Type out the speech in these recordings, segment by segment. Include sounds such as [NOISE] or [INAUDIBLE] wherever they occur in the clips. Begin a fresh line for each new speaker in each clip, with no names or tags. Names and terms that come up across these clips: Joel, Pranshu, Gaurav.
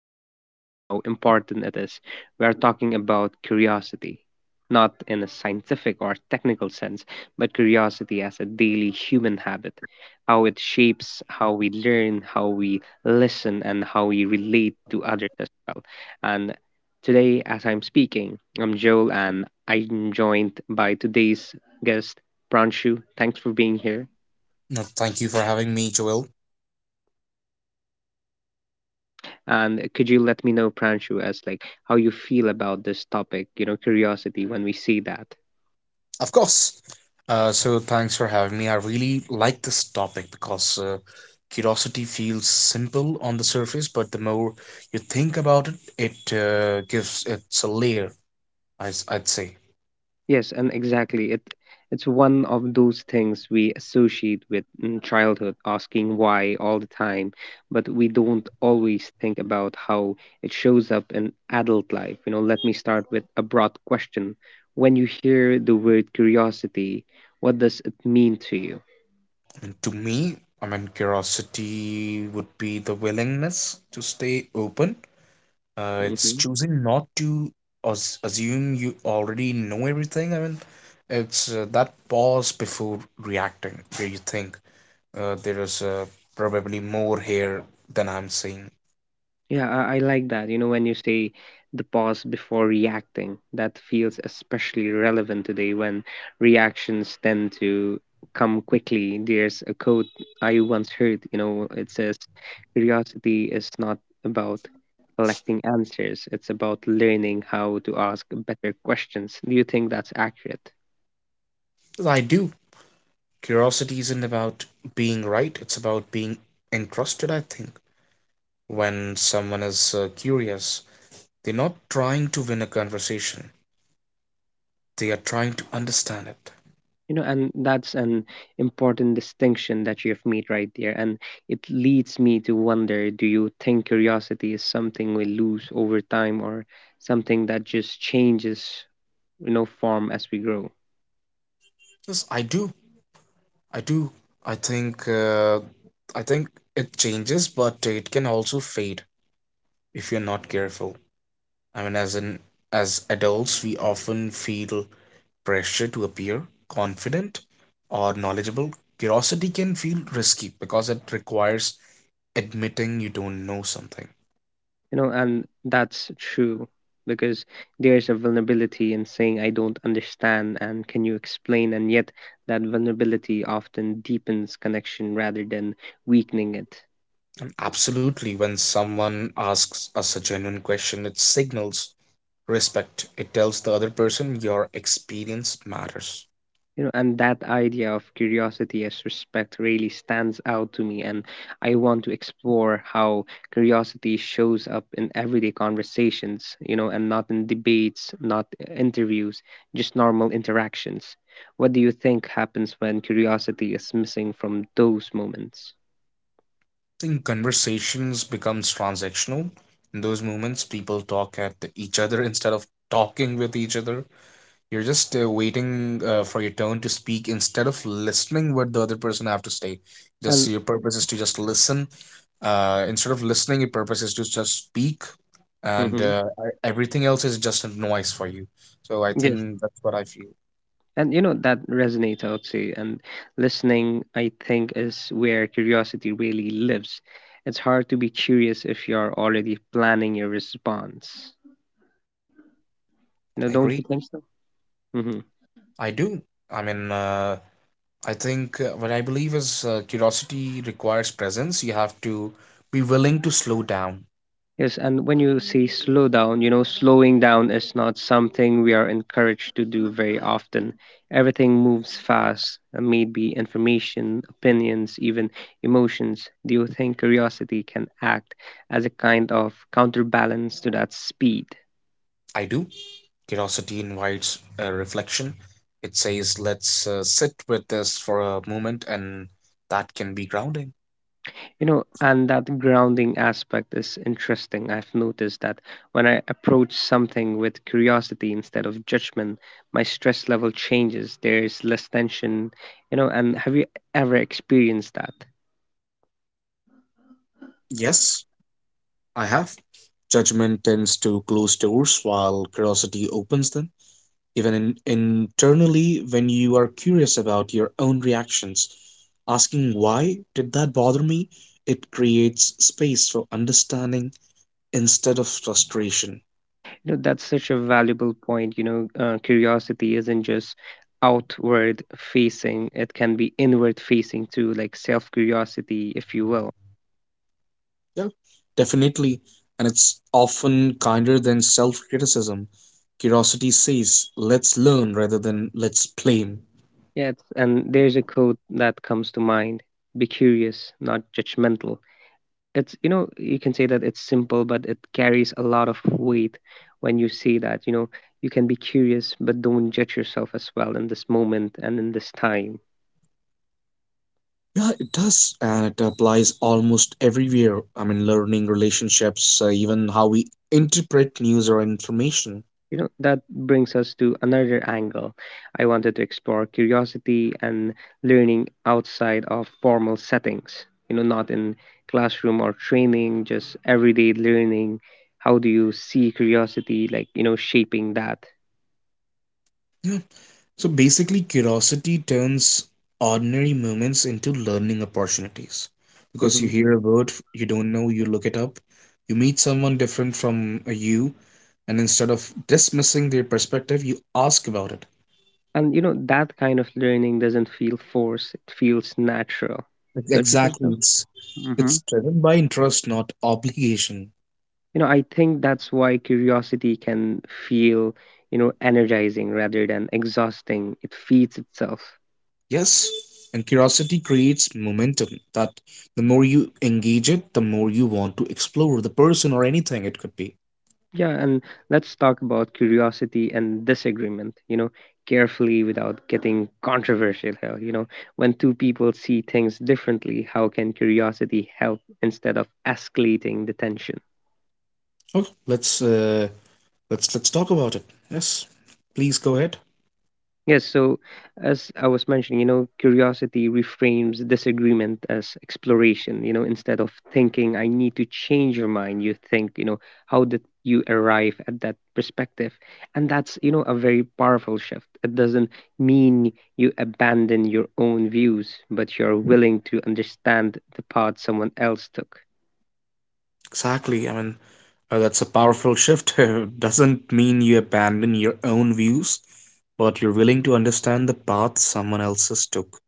realizing how important it is. We are talking about curiosity, not in a scientific or technical sense, but curiosity as a daily human habit, how it shapes how we learn, how we listen, and how we relate to others as well. And Today, as I'm speaking, I'm Joel and I'm joined by today's guest, Pranshu. Thanks for being here.
No, thank you for having me, Joel.
And could you let me know, Pranshu, as like how you feel about this topic, curiosity when we see that?
Of course. So thanks for having me. I really like this topic because curiosity feels simple on the surface, but the more you think about it, it gives it's a layer, I would say.
Yes, and exactly. It's one of those things we associate with childhood, asking why all the time, but we don't always think about how it shows up in adult life. You know, let me start with a broad question. When you hear the word curiosity, what does it mean to you?
To me, curiosity would be the willingness to stay open. It's
Mm-hmm.
choosing not to assume you already know everything. It's that pause before reacting, where you think there is probably more here than I'm seeing.
Yeah, I like that. You know, when you say the pause before reacting, that feels especially relevant today when reactions tend to come quickly. There's a quote I once heard, it says, curiosity is not about collecting answers, it's about learning how to ask better questions. Do you think that's accurate?
I do. Curiosity isn't about being right, it's about being interested, I think. When someone is curious, they're not trying to win a conversation, they are trying to understand it.
You know, and that's an important distinction that you've made right there, and it leads me to wonder, do you think curiosity is something we lose over time, or something that just changes, you know, form as we grow?
Yes, I do. I do. I think uh, I think it changes, but it can also fade if you're not careful. I mean, as adults, we often feel pressure to appear confident or knowledgeable. Curiosity can feel risky because it requires admitting you don't know something.
You know, and that's true because there's a vulnerability in saying I don't understand and can you explain, and yet that vulnerability often deepens connection rather than weakening it.
And absolutely, when someone asks us a genuine question, it signals respect. It tells the other person your experience matters.
You know, and that idea of curiosity as respect really stands out to me, and I want to explore how curiosity shows up in everyday conversations, and not in debates, not interviews, just normal interactions. What do you think happens when curiosity is missing from those moments?
I think conversations becomes transactional. In those moments, people talk at each other [LAUGHS] instead of talking with each other. You're just waiting for your turn to speak instead of listening what the other person have to say. Just
And
your purpose is to just listen. Instead of listening, your purpose is to just speak, and
mm-hmm.
everything else is just a noise for you. So I think that's what I feel.
And you know, that resonates, I would say, and listening, I think, is where curiosity really lives. It's hard to be curious if you're already planning your response, you know,
I
don't you
agree.
think so? Hmm.
I do. I mean, I think what I believe is curiosity requires presence. You have to be willing to slow down.
Yes, and when you say slow down, you know, slowing down is not something we are encouraged to do very often. Everything moves fast, maybe information, opinions, even emotions. Do you think curiosity can act as a kind of counterbalance to that speed?
I do. Curiosity invites a reflection. It says, let's sit with this for a moment, and that can be grounding.
You know, and that grounding aspect is interesting. I've noticed that when I approach something with curiosity instead of judgment, my stress level changes. There's less tension, you know. And have you ever experienced that?
Yes, I have. Judgment tends to close doors while curiosity opens them. Even internally, when you are curious about your own reactions, asking why did that bother me, it creates space for understanding instead of frustration.
You know, that's such a valuable point. Curiosity isn't just outward facing, it can be inward facing too, like self curiosity, if you will.
Yeah, definitely. And it's often kinder than self criticism. Curiosity says, let's learn rather than let's blame.
Yeah, it's, and there's a quote that comes to mind: be curious, not judgmental. It's, you know, you can say that it's simple, but it carries a lot of weight when you say that. You know, you can be curious, but don't judge yourself as well in this moment and in this time.
Yeah, it does. And it applies almost everywhere. I mean, learning, relationships, even how we interpret news or information.
You know, that brings us to another angle. I wanted to explore curiosity and learning outside of formal settings, not in classroom or training, just everyday learning. How do you see curiosity, shaping that?
Yeah. So basically, curiosity turns ordinary moments into learning opportunities. Because
Hmm.
you hear a you don't know, you look it up, you meet someone different from you, and instead of dismissing their perspective, you ask about it.
And, you know, that kind of learning doesn't feel forced, it feels natural. Don't you think
Exactly,
so?
it's
Hmm.
it's driven by interest, not obligation.
You know, I think that's why curiosity can feel, you know, energizing rather than exhausting. It feeds itself.
Yes, and curiosity creates momentum. That The more you engage it, the more you want to explore the person or anything it could be.
Yeah, and let's talk about curiosity and disagreement, carefully without getting controversial. Hell, you know, when two people see things differently, how can curiosity help instead of escalating the tension?
Okay, let's talk about it. Yes, please go ahead.
Yes, so as I was mentioning, you know, curiosity reframes disagreement as exploration. You know, instead of thinking, I need to change your mind, you think, you know, how did you arrive at that perspective? And that's, you know, a very powerful shift. It doesn't mean you abandon your own views, but you're willing to understand the path someone else took.
Exactly. I mean, that's a powerful shift. [LAUGHS] It doesn't mean you abandon your own views, but you're willing to understand the path someone else's took.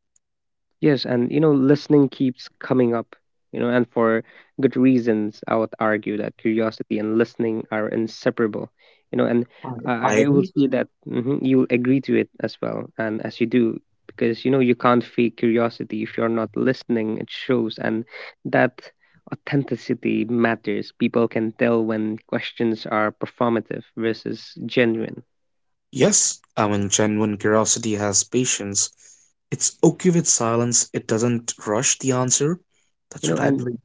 Yes, and you know, listening keeps coming up, and for good reasons. I would argue that curiosity and listening are inseparable, you know, and
I,
I,
I
I I will
agree.
see that, mhm, you will agree to it as well, and as you do, because you know you can't fake curiosity if you're not listening. It shows, and that authenticity matters. People can tell when questions are performative versus genuine.
Yes, I mean, genuine curiosity has patience. It's okay with silence. It doesn't rush the answer.
you
That's
know
what I
and
believe.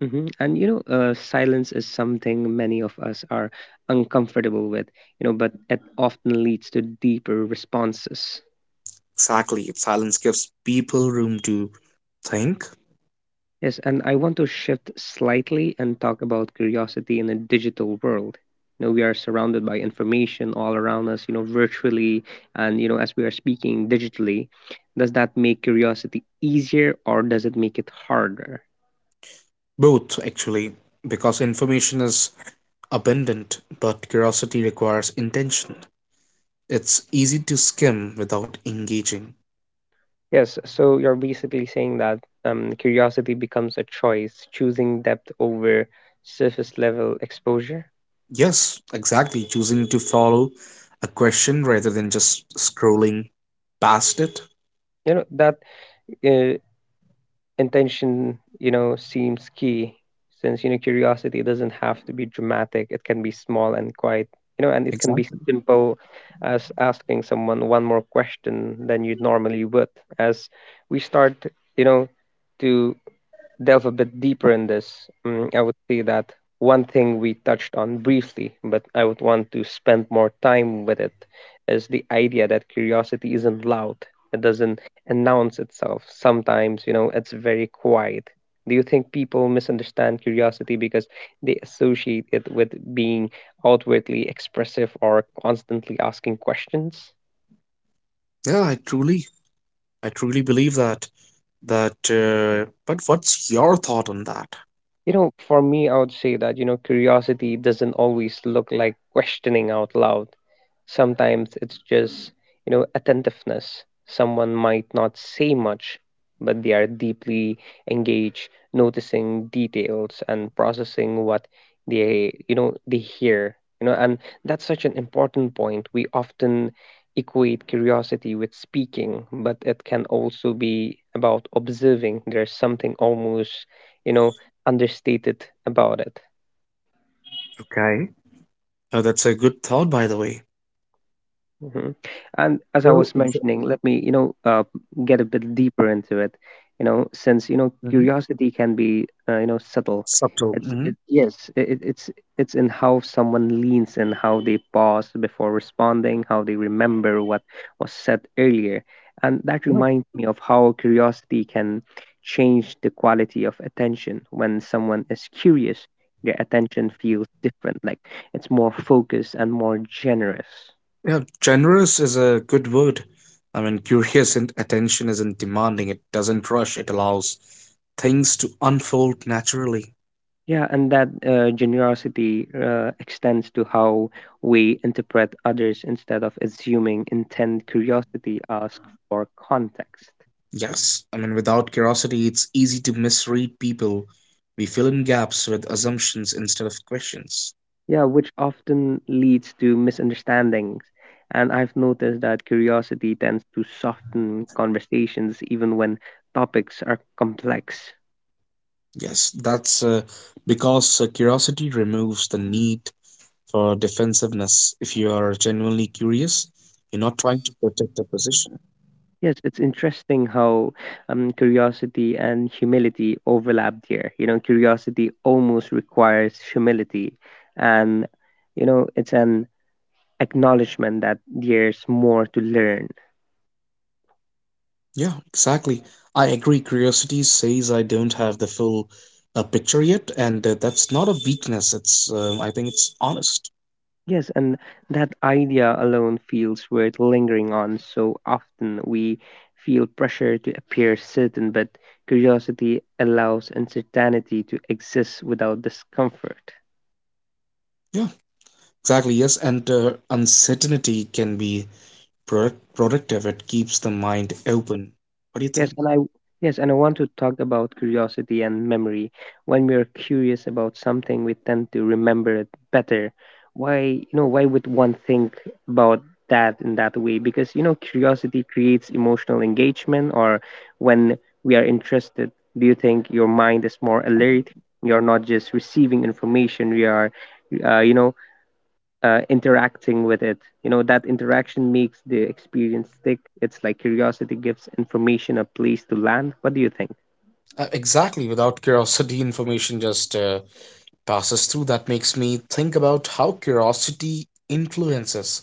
hmm, and silence is something many of us are uncomfortable with, you know, but it often leads to deeper responses.
Exactly. Silence gives people room to think.
Yes, and I want to shift slightly and talk about curiosity in a digital world. You know, we are surrounded by information all around us, you know, virtually, and you know, as we are speaking digitally, does that make curiosity easier, or does it make it harder?
Both, actually, because information is abundant, but curiosity requires intention. It's easy to skim without engaging.
Yes, so you're basically saying that curiosity becomes a choice, choosing depth over surface level exposure.
Yes, exactly. Choosing to follow a question rather than just scrolling past it.
You know, that uh, intention, you know, seems key, since, you know, curiosity doesn't have to be dramatic. It can be small and quiet, you know, and it can be
Exactly.
simple as asking someone one more question than you normally would. As we start, you know, to delve a bit deeper in this, mm, I would say that one thing we touched on briefly, but I would want to spend more time with, it, is the idea that curiosity isn't loud. It doesn't announce itself. Sometimes, you know, it's very quiet. Do you think people misunderstand curiosity because they associate it with being outwardly expressive or constantly asking questions?
Yeah, I truly, I truly believe that. But what's your thought on that?
You know, for me, I would say that, you know, curiosity doesn't always look like questioning out loud. Sometimes it's just, you know, attentiveness. Someone might not say much, but they are deeply engaged, noticing details and processing what they hear. You know, and that's such an important point. We often equate curiosity with speaking, but it can also be about observing. There's something almost, you know, understated about it.
Okay. That's a good thought, by the way.
Mhm. And as I
So,
was
exa-
mentioning, let me, get a bit deeper into it. You know, since you know
Mhm.
curiosity can be, subtle.
Subtle.
It's
Hmm.
it, yes, it- it's in how someone leans and how they pause before responding, how they remember what was said earlier, and that reminds me of how curiosity can change the quality of attention. When someone is curious, their attention feels different, like it's more focused and more generous.
Yeah, generous is a good word. I mean, curious and attention isn't demanding, it doesn't rush, it allows things to unfold naturally.
Yeah, and that generosity extends to how we interpret others. Instead of assuming intent, curiosity asks for context.
Yes, I mean, without curiosity, it's easy to misread people. We fill in gaps with assumptions instead of questions.
Yeah, which often leads to misunderstandings. And I've noticed that curiosity tends to soften conversations even when topics are complex.
Yes, that's because curiosity removes the need for defensiveness. If you are genuinely curious, you're not trying to protect a position.
Yes, it's interesting how curiosity and humility overlap there. You know, curiosity almost requires humility, and you know, it's an acknowledgement that there's more to learn.
Yeah, exactly. I agree. Curiosity says I don't have the full picture yet, and that's not a weakness. It's I think it's honest.
Yes, and that idea alone feels worth lingering on. So often we feel pressure to appear certain, but curiosity allows uncertainty to exist without discomfort.
Yeah, exactly. Yes, and uncertainty can be productive. It keeps the mind open. What do you
Yes,
think?
and I yes, and I want to talk about curiosity and memory. When we are curious about something, we tend to remember it better. Why, you know, why would one think about that in that way? Because, you know, curiosity creates emotional engagement, or when we are interested, do you think your mind is more alert? You're not just receiving information, we are uh, you know interacting with it. You know, that interaction makes the experience stick. It's like curiosity gives information a place to land. What do you think?
Exactly. Without curiosity, information just passes through. That makes me think about how curiosity influences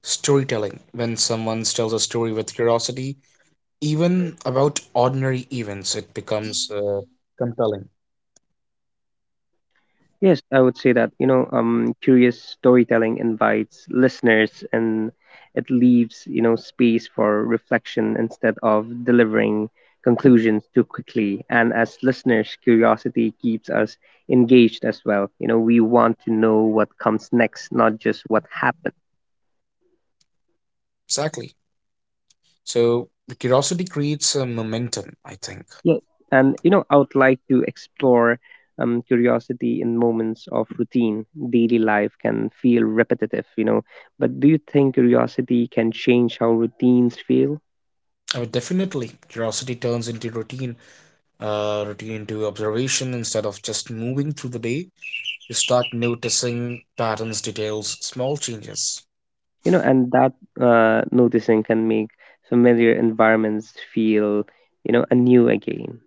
storytelling. When someone tells a story with curiosity, even about ordinary events, it becomes compelling.
Yes, I would say that, curious storytelling invites listeners, and it leaves, you know, space for reflection instead of delivering conclusions too quickly. And as listeners, curiosity keeps us engaged as well. You know, we want to know what comes next, not just what happened.
Exactly, so curiosity creates a momentum, I think.
Yes, and you know, I would like to explore curiosity in moments of routine. Daily life can feel repetitive, you know, but do you think curiosity can change how routines feel?
I mean, definitely curiosity turns into routine into observation. Instead of just moving through the day, you start noticing patterns, details, small changes.
You know, and that noticing can make familiar environments feel, you know, anew again.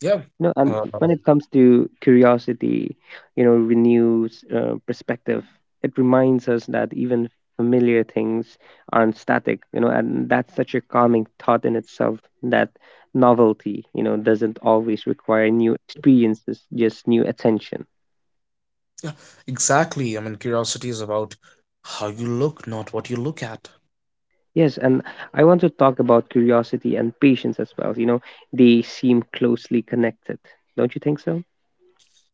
Yeah.
No, and
uh,
when it comes to curiosity, you know, renews perspective. It reminds us that even familiar things aren't static, you know, and that's such a calming thought in itself, that novelty, you know, doesn't always require new experiences, just new attention.
yeah exactly. I mean, curiosity is about how you look, not what you look at.
Yes, and I want to talk about curiosity and patience as well. You know, they seem closely connected, don't you think so?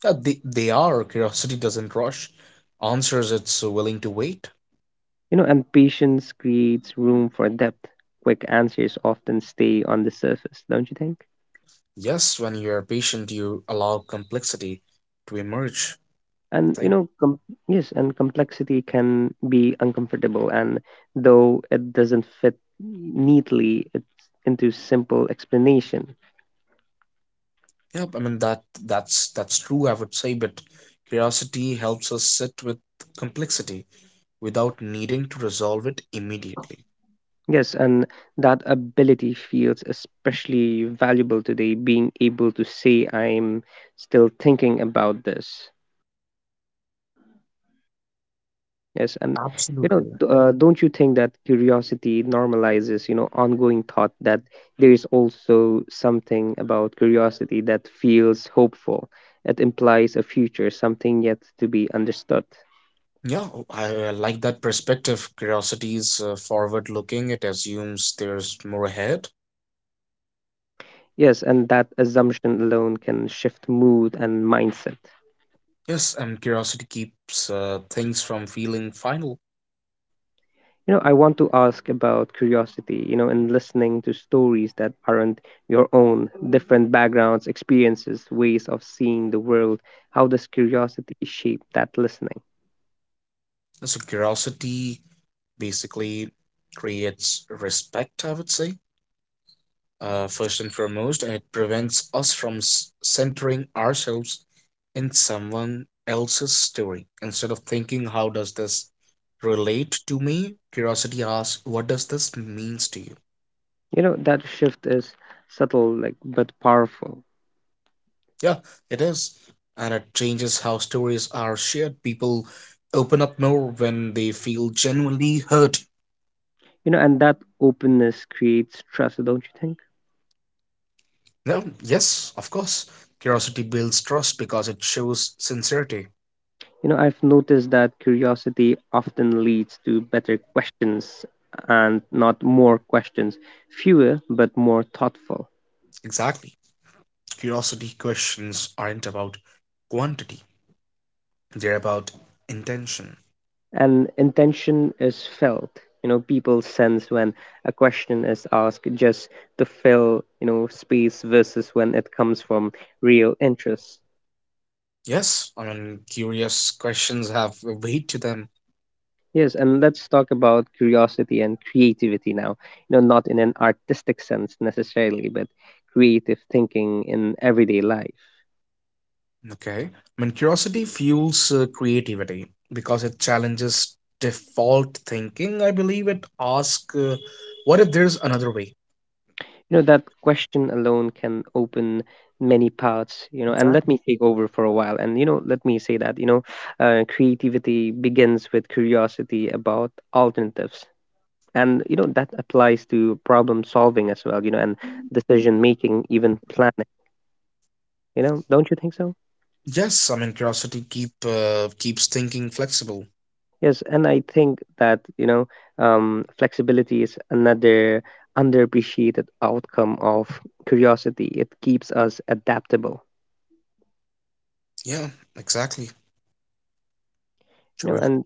Yeah, they are. Curiosity doesn't rush answers, it's willing to wait.
You know, and patience creates room for depth. Quick answers often stay on the surface, don't you think?
Yes, when you're patient, you allow complexity to emerge, I
And you
think.
know, com- Yes, and complexity can be uncomfortable, and though it doesn't fit neatly, it's into simple explanation.
Yep, I mean that's true, I would say, but curiosity helps us sit with complexity without needing to resolve it immediately.
Yes, and that ability feels especially valuable today, being able to say, I'm still thinking about this. Yes, and you know,
Absolutely.
don't you think that curiosity normalizes, you know, ongoing thought that there is also something about curiosity that feels hopeful? It implies a future, something yet to be understood.
Yeah, oh, I like that perspective. Curiosity is forward-looking. It assumes there's more ahead.
Yes, and that assumption alone can shift mood and mindset.
Yes, and curiosity keeps things from feeling final.
You know, I want to ask about curiosity, you know, in listening to stories that aren't your own, different backgrounds, experiences, ways of seeing the world. How does curiosity shape that listening?
So curiosity basically creates respect, I would say. First and foremost, and it prevents us from centering ourselves in someone else's story. Instead of thinking, how does this relate to me? Curiosity asks, what does this means to you?
You know, that shift is subtle, like, but powerful.
Yeah, it is. And it changes how stories are shared. People open up more when they feel genuinely heard.
You know, and that openness creates trust, don't you think?
No, yes, of course. Curiosity builds trust because it shows sincerity.
You know, I've noticed that curiosity often leads to better questions and not more questions, fewer but more thoughtful.
Exactly. Curiosity questions aren't about quantity, they're about intention.
And intention is felt. You know, people sense when a question is asked just to fill, you know, space versus when it comes from real interest.
Yes, I mean, curious questions have a weight to them.
Yes, and let's talk about curiosity and creativity now. You know, not in an artistic sense necessarily, but creative thinking in everyday life.
Okay. I mean, curiosity fuels creativity because it challenges default thinking. I believe it asks, what if there's another way?
You know, that question alone can open many paths, you know, and let
Exactly.
me take over for a while. And, you know, let me say that, you know, creativity begins with curiosity about alternatives. And, you know, that applies to problem solving as well, you know, and decision making, even planning. You know, don't you think so?
Yes, I mean, curiosity keeps thinking flexible.
Yes, and I think that, you know, flexibility is another underappreciated outcome of curiosity. It keeps us adaptable,
Yeah, exactly,
you know,
Joel.
and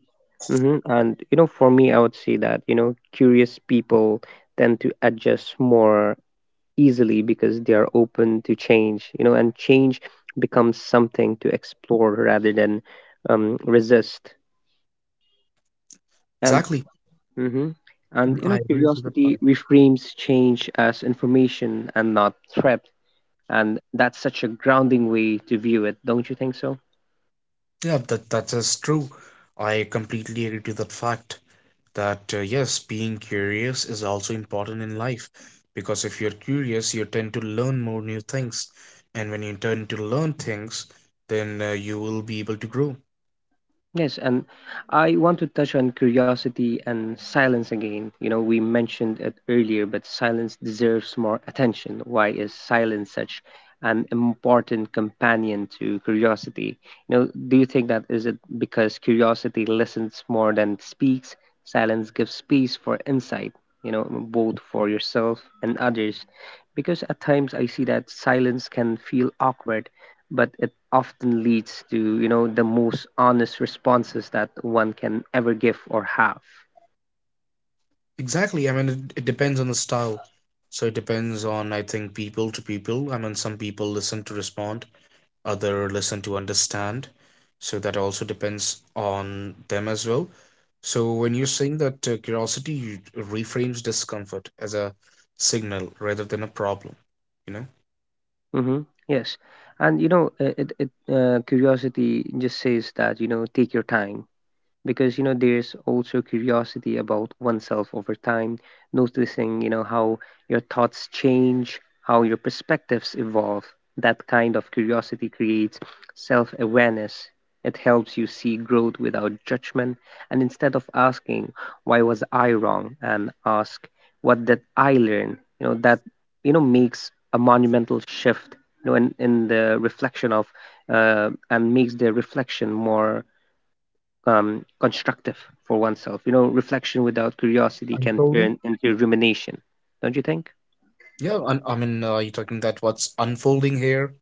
hmm and you know, for me, I would say that, you know, curious people tend to adjust more easily because they are open to change, you know, and change becomes something to explore rather than resist. And
Exactly.
hmm and
Mm,
you
I
know,
agree to that
curiosity
fact.
reframes change as information and not threat. And that's such a grounding way to view it, don't you think so?
Yeah, that that is true. I completely agree to that fact. That Yes, being curious is also important in life, because if you're curious, you tend to learn more new things, and when you tend to learn things, then you will be able to grow.
Yes, and I want to touch on curiosity and silence again. You know, we mentioned it earlier, but silence deserves more attention. Why is silence such an important companion to curiosity? You know, do you think that is it because curiosity listens more than speaks? Silence gives space for insight, you know, both for yourself and others. Because at times I see that silence can feel awkward, but it often leads to, you know, the most honest responses that one can ever give or have.
Exactly. I mean, it depends on the style. So it depends on, I think, people to people. I mean, some people listen to respond, other listen to understand. So that also depends on them as well. So when you're saying that curiosity reframes discomfort as a signal rather than a problem, you know?
Hmm, yes, and you know, it, it curiosity just says that, you know, take your time, because you know there's also curiosity about oneself over time, noticing you know how your thoughts change, how your perspectives evolve. That kind of curiosity creates self-awareness. It helps you see growth without judgment, and instead of asking why was I wrong and ask what did I learn, you know that, you know, makes a monumental shift, you know, in the reflection of and makes the reflection more constructive for oneself. You know, reflection without curiosity can
Unfolding.
turn into rumination, don't you think?
Yeah, un I mean, you're talking that what's unfolding here.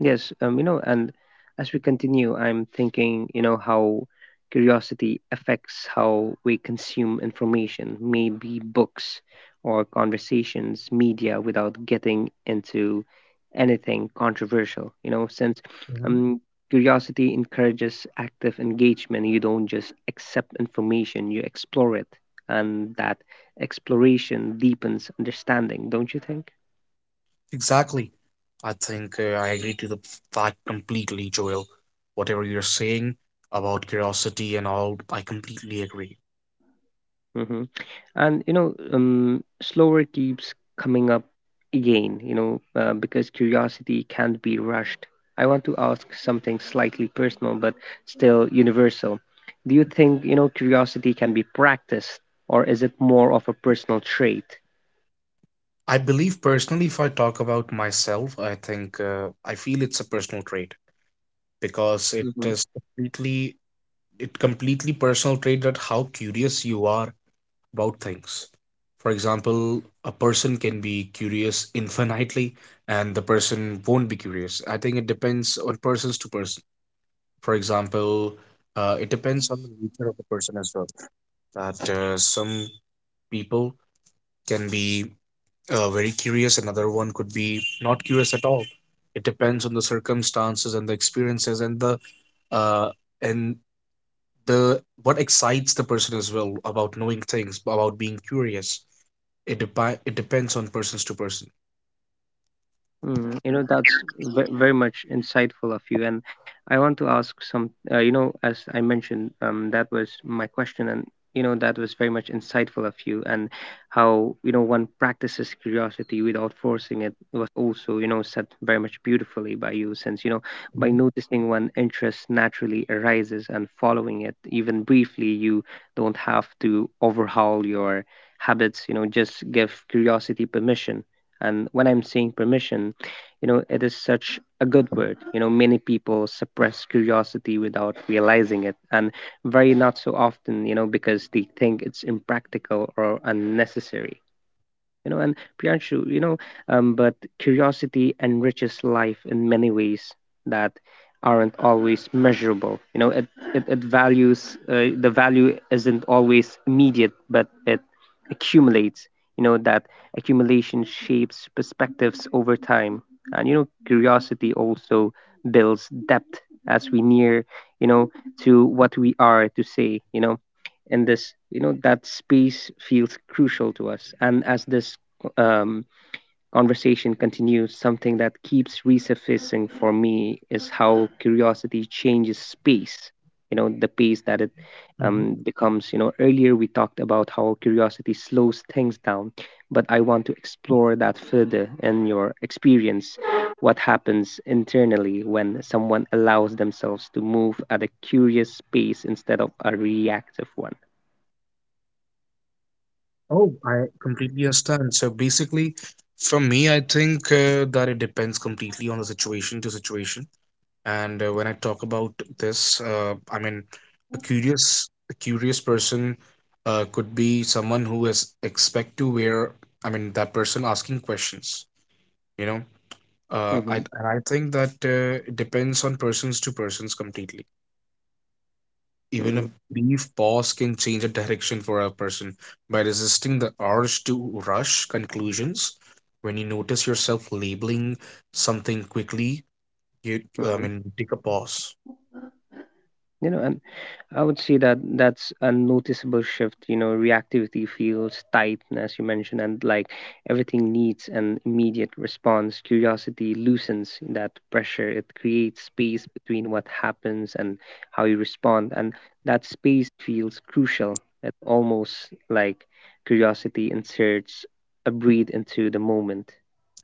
Yes, you know, and as we continue, I'm thinking, you know, how curiosity affects how we consume information, maybe books or conversations, media, without getting into anything controversial, you know, since
Mhm.
um, curiosity encourages active engagement. You don't just accept information, you explore it, and that exploration deepens understanding, don't you think?
Exactly. I agree to the that completely, Joel. Whatever you're saying about curiosity and all, I completely agree.
Mhm. And you know, slower keeps coming up again. You know, because curiosity can't be rushed. I want to ask something slightly personal, but still universal. Do you think you know curiosity can be practiced, or is it more of a personal trait?
I believe personally, if I talk about myself, I feel it's a personal trait, because it completely personal trait that how curious you are about things. For example, a person can be curious infinitely and the person won't be curious. I think it depends on persons to person. For example, it depends on the nature of the person as well. That Some people can be very curious, another one could be not curious at all. It depends on the circumstances and the experiences and uh, and the what excites the person as well about knowing things, about being curious. It depends on persons to person.
Mm, you know, that's very much insightful of you. And I want to ask some, you know, as I mentioned, that was my question. And, you know, that was very much insightful of you. And how, you know, one practices curiosity without forcing it was also, you know, said very much beautifully by you, since, you know, by
Hmm.
noticing one interest naturally arises and following it, even briefly, you don't have to overhaul your habits, you know, just give curiosity permission. And when I'm saying permission, you know, it is such a good word. You know, many people suppress curiosity without realizing it, and very not so often, you know, because they think it's impractical or unnecessary, you know, and Piyanshu, you know, but curiosity enriches life in many ways that aren't always measurable. You know, it values, the value isn't always immediate, but it accumulates. You know, that accumulation shapes perspectives over time. And, you know, curiosity also builds depth as we near, you know, to what we are to say. You know, in this, you know, that space feels crucial to us, and as this um, conversation continues, something that keeps resurfacing for me is how curiosity changes space, you know, the pace that it
Hmm.
becomes. You know, earlier we talked about how curiosity slows things down, but I want to explore that further. In your experience, what happens internally when someone allows themselves to move at a curious pace instead of a reactive one?
Oh, I completely understand. So basically, for me, I think that it depends completely on the situation to situation. And when I talk about this, I mean, a curious person could be someone who is expect to wear, I mean, that person asking questions, you know.
嗯
I
哼，
and I think that it depends on persons to persons completely. Even
嗯，
a brief pause can change a direction for a person by resisting the urge to rush conclusions. When you notice yourself labeling something quickly, you,
嗯
I
哼。
mean, take a pause.
You know, and I would say that that's a noticeable shift. You know, reactivity feels tight, as you mentioned, and like everything needs an immediate response. Curiosity loosens that pressure. It creates space between what happens and how you respond, and that space feels crucial. It almost like curiosity inserts a breathe into the moment.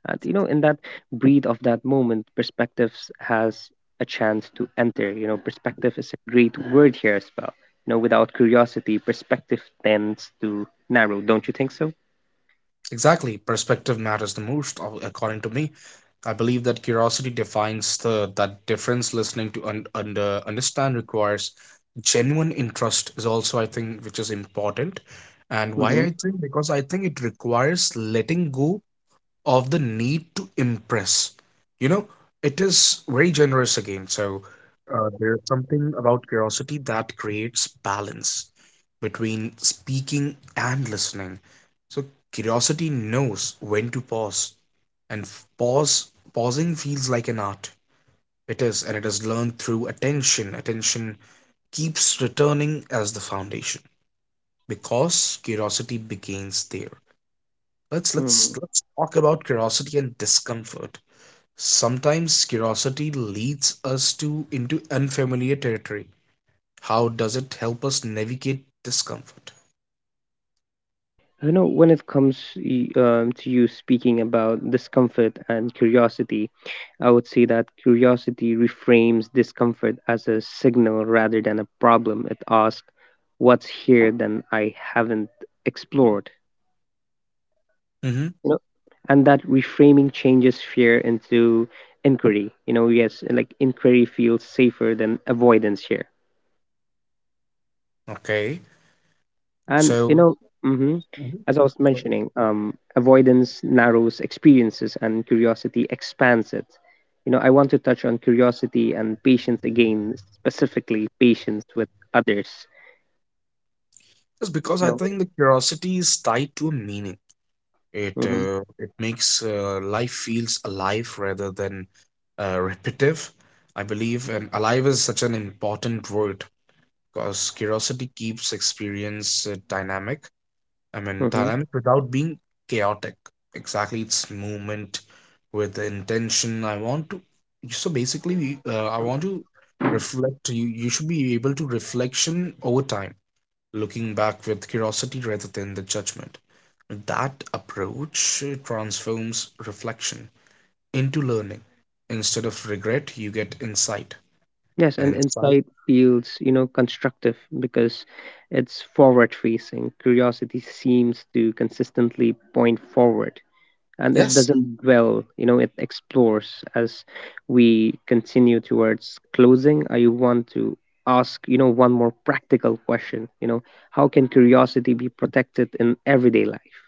And you know, in that breathe of that moment, perspectives has a chance to enter. You know, perspective is a great word here as well. You know, without curiosity, perspective tends to narrow, don't you think so?
Exactly. Perspective matters the most, according to me. I believe that curiosity defines the that difference. Listening to un, under understand requires genuine interest is also I think which is important. And why
Hmm.
I think, because I think it requires letting go of the need to impress. You know, it is very generous again. So there's something about curiosity that creates balance between speaking and listening. So curiosity knows when to pause, and f- pause pausing feels like an art. It is, and it is learned through attention. Attention keeps returning as the foundation because curiosity begins there. Let's
Hmm.
let's let's talk about curiosity and discomfort. Sometimes curiosity leads us to into unfamiliar territory. How does it help us navigate discomfort?
I know when it comes to you speaking about discomfort and curiosity, I would say that curiosity reframes discomfort as a signal rather than a problem. It asks, what's here that I haven't explored?
Hmm.
You know, and that reframing changes fear into inquiry. You know, yes, and like inquiry feels safer than avoidance here.
Okay.
And you
So,
know, hmm,
Mhm.
as I was
Uh,
mentioning, avoidance narrows experiences and curiosity expands it. You know, I want to touch on curiosity and patience again, specifically patience with others.
it's because I
No.
think the curiosity is tied to a meaning. It
Hmm.
uh, it makes life feels alive rather than repetitive, I believe. And alive is such an important word because curiosity keeps experience dynamic. I mean,
Hmm.
dynamic without being chaotic. Exactly, it's movement with the intention. I want to. So basically, I want to reflect. You should be able to reflection over time, looking back with curiosity rather than the judgment. That approach transforms reflection into learning. Instead of regret, you get insight.
Yes,
And
and
insight,
insight feels, you know, constructive because it's forward facing. Curiosity seems to consistently point forward, and it
yes,
doesn't dwell, you know, it explores. As we continue towards closing, I want to ask, you know, one more practical question. You know, how can curiosity be protected in everyday life?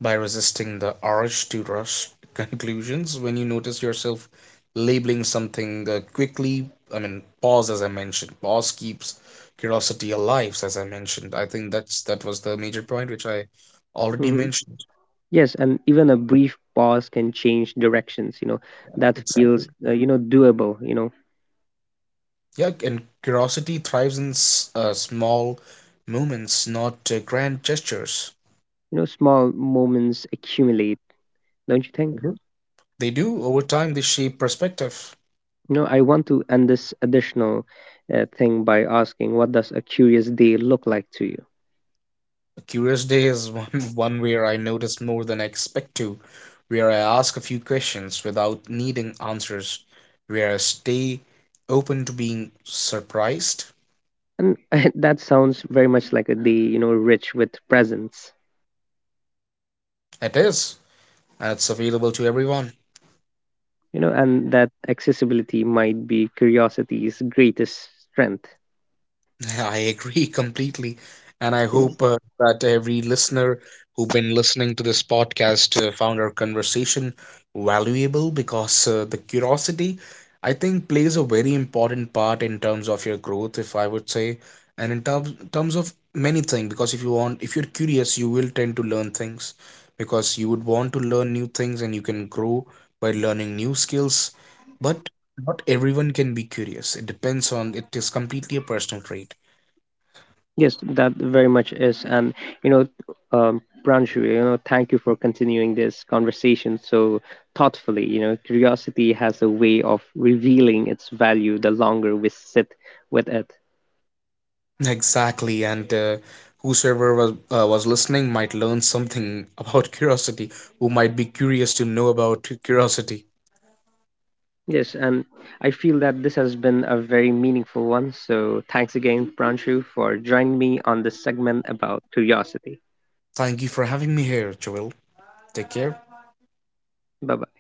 by resisting the urge to rush [LAUGHS] conclusions when you notice yourself labeling something quickly. I mean, pause. As I mentioned, pause keeps curiosity alive. As I mentioned, I think that's that was the major point which I already
Mhm.
mentioned.
Yes, and even a brief pause can change directions, you know. That
Exactly.
feels, you know, doable, you know.
Yeah, and curiosity thrives in small moments, not grand gestures.
You know, small moments accumulate, don't you
They
think?
do. They do. Over time they shape perspective.
You know, I want to end this additional thing by asking, what does a curious day look like to you?
Curious day is one, [LAUGHS] one where I notice more than I expect to, where I ask a few questions without needing answers, where I stay open to being surprised.
And [LAUGHS] that sounds very much like a day, you know, rich with presence,
It is, and it's available to everyone.
you know, and that accessibility might be curiosity's greatest strength.
[LAUGHS] I agree completely, and I hope that every listener who've been listening to this podcast found our conversation valuable, because the curiosity, I think, plays a very important part in terms of your growth, if I would say, and in terms of many things. Because if you want, if you're curious, you will tend to learn things, because you would want to learn new things, and you can grow by learning new skills. But not everyone can be curious. It depends on. It is completely a personal trait.
Yes, that very much is. And, you know, Pranju, you know, thank you for continuing this conversation so thoughtfully. You know, curiosity has a way of revealing its value the longer we sit with it.
Exactly, and whosoever was listening might learn something [LAUGHS] about curiosity, who might be curious to know about curiosity.
Yes, and I feel that this has been a very meaningful one. So thanks again, Pranju, for joining me on this segment about curiosity.
Thank you for having me here, Joel. Take care.
Bye bye.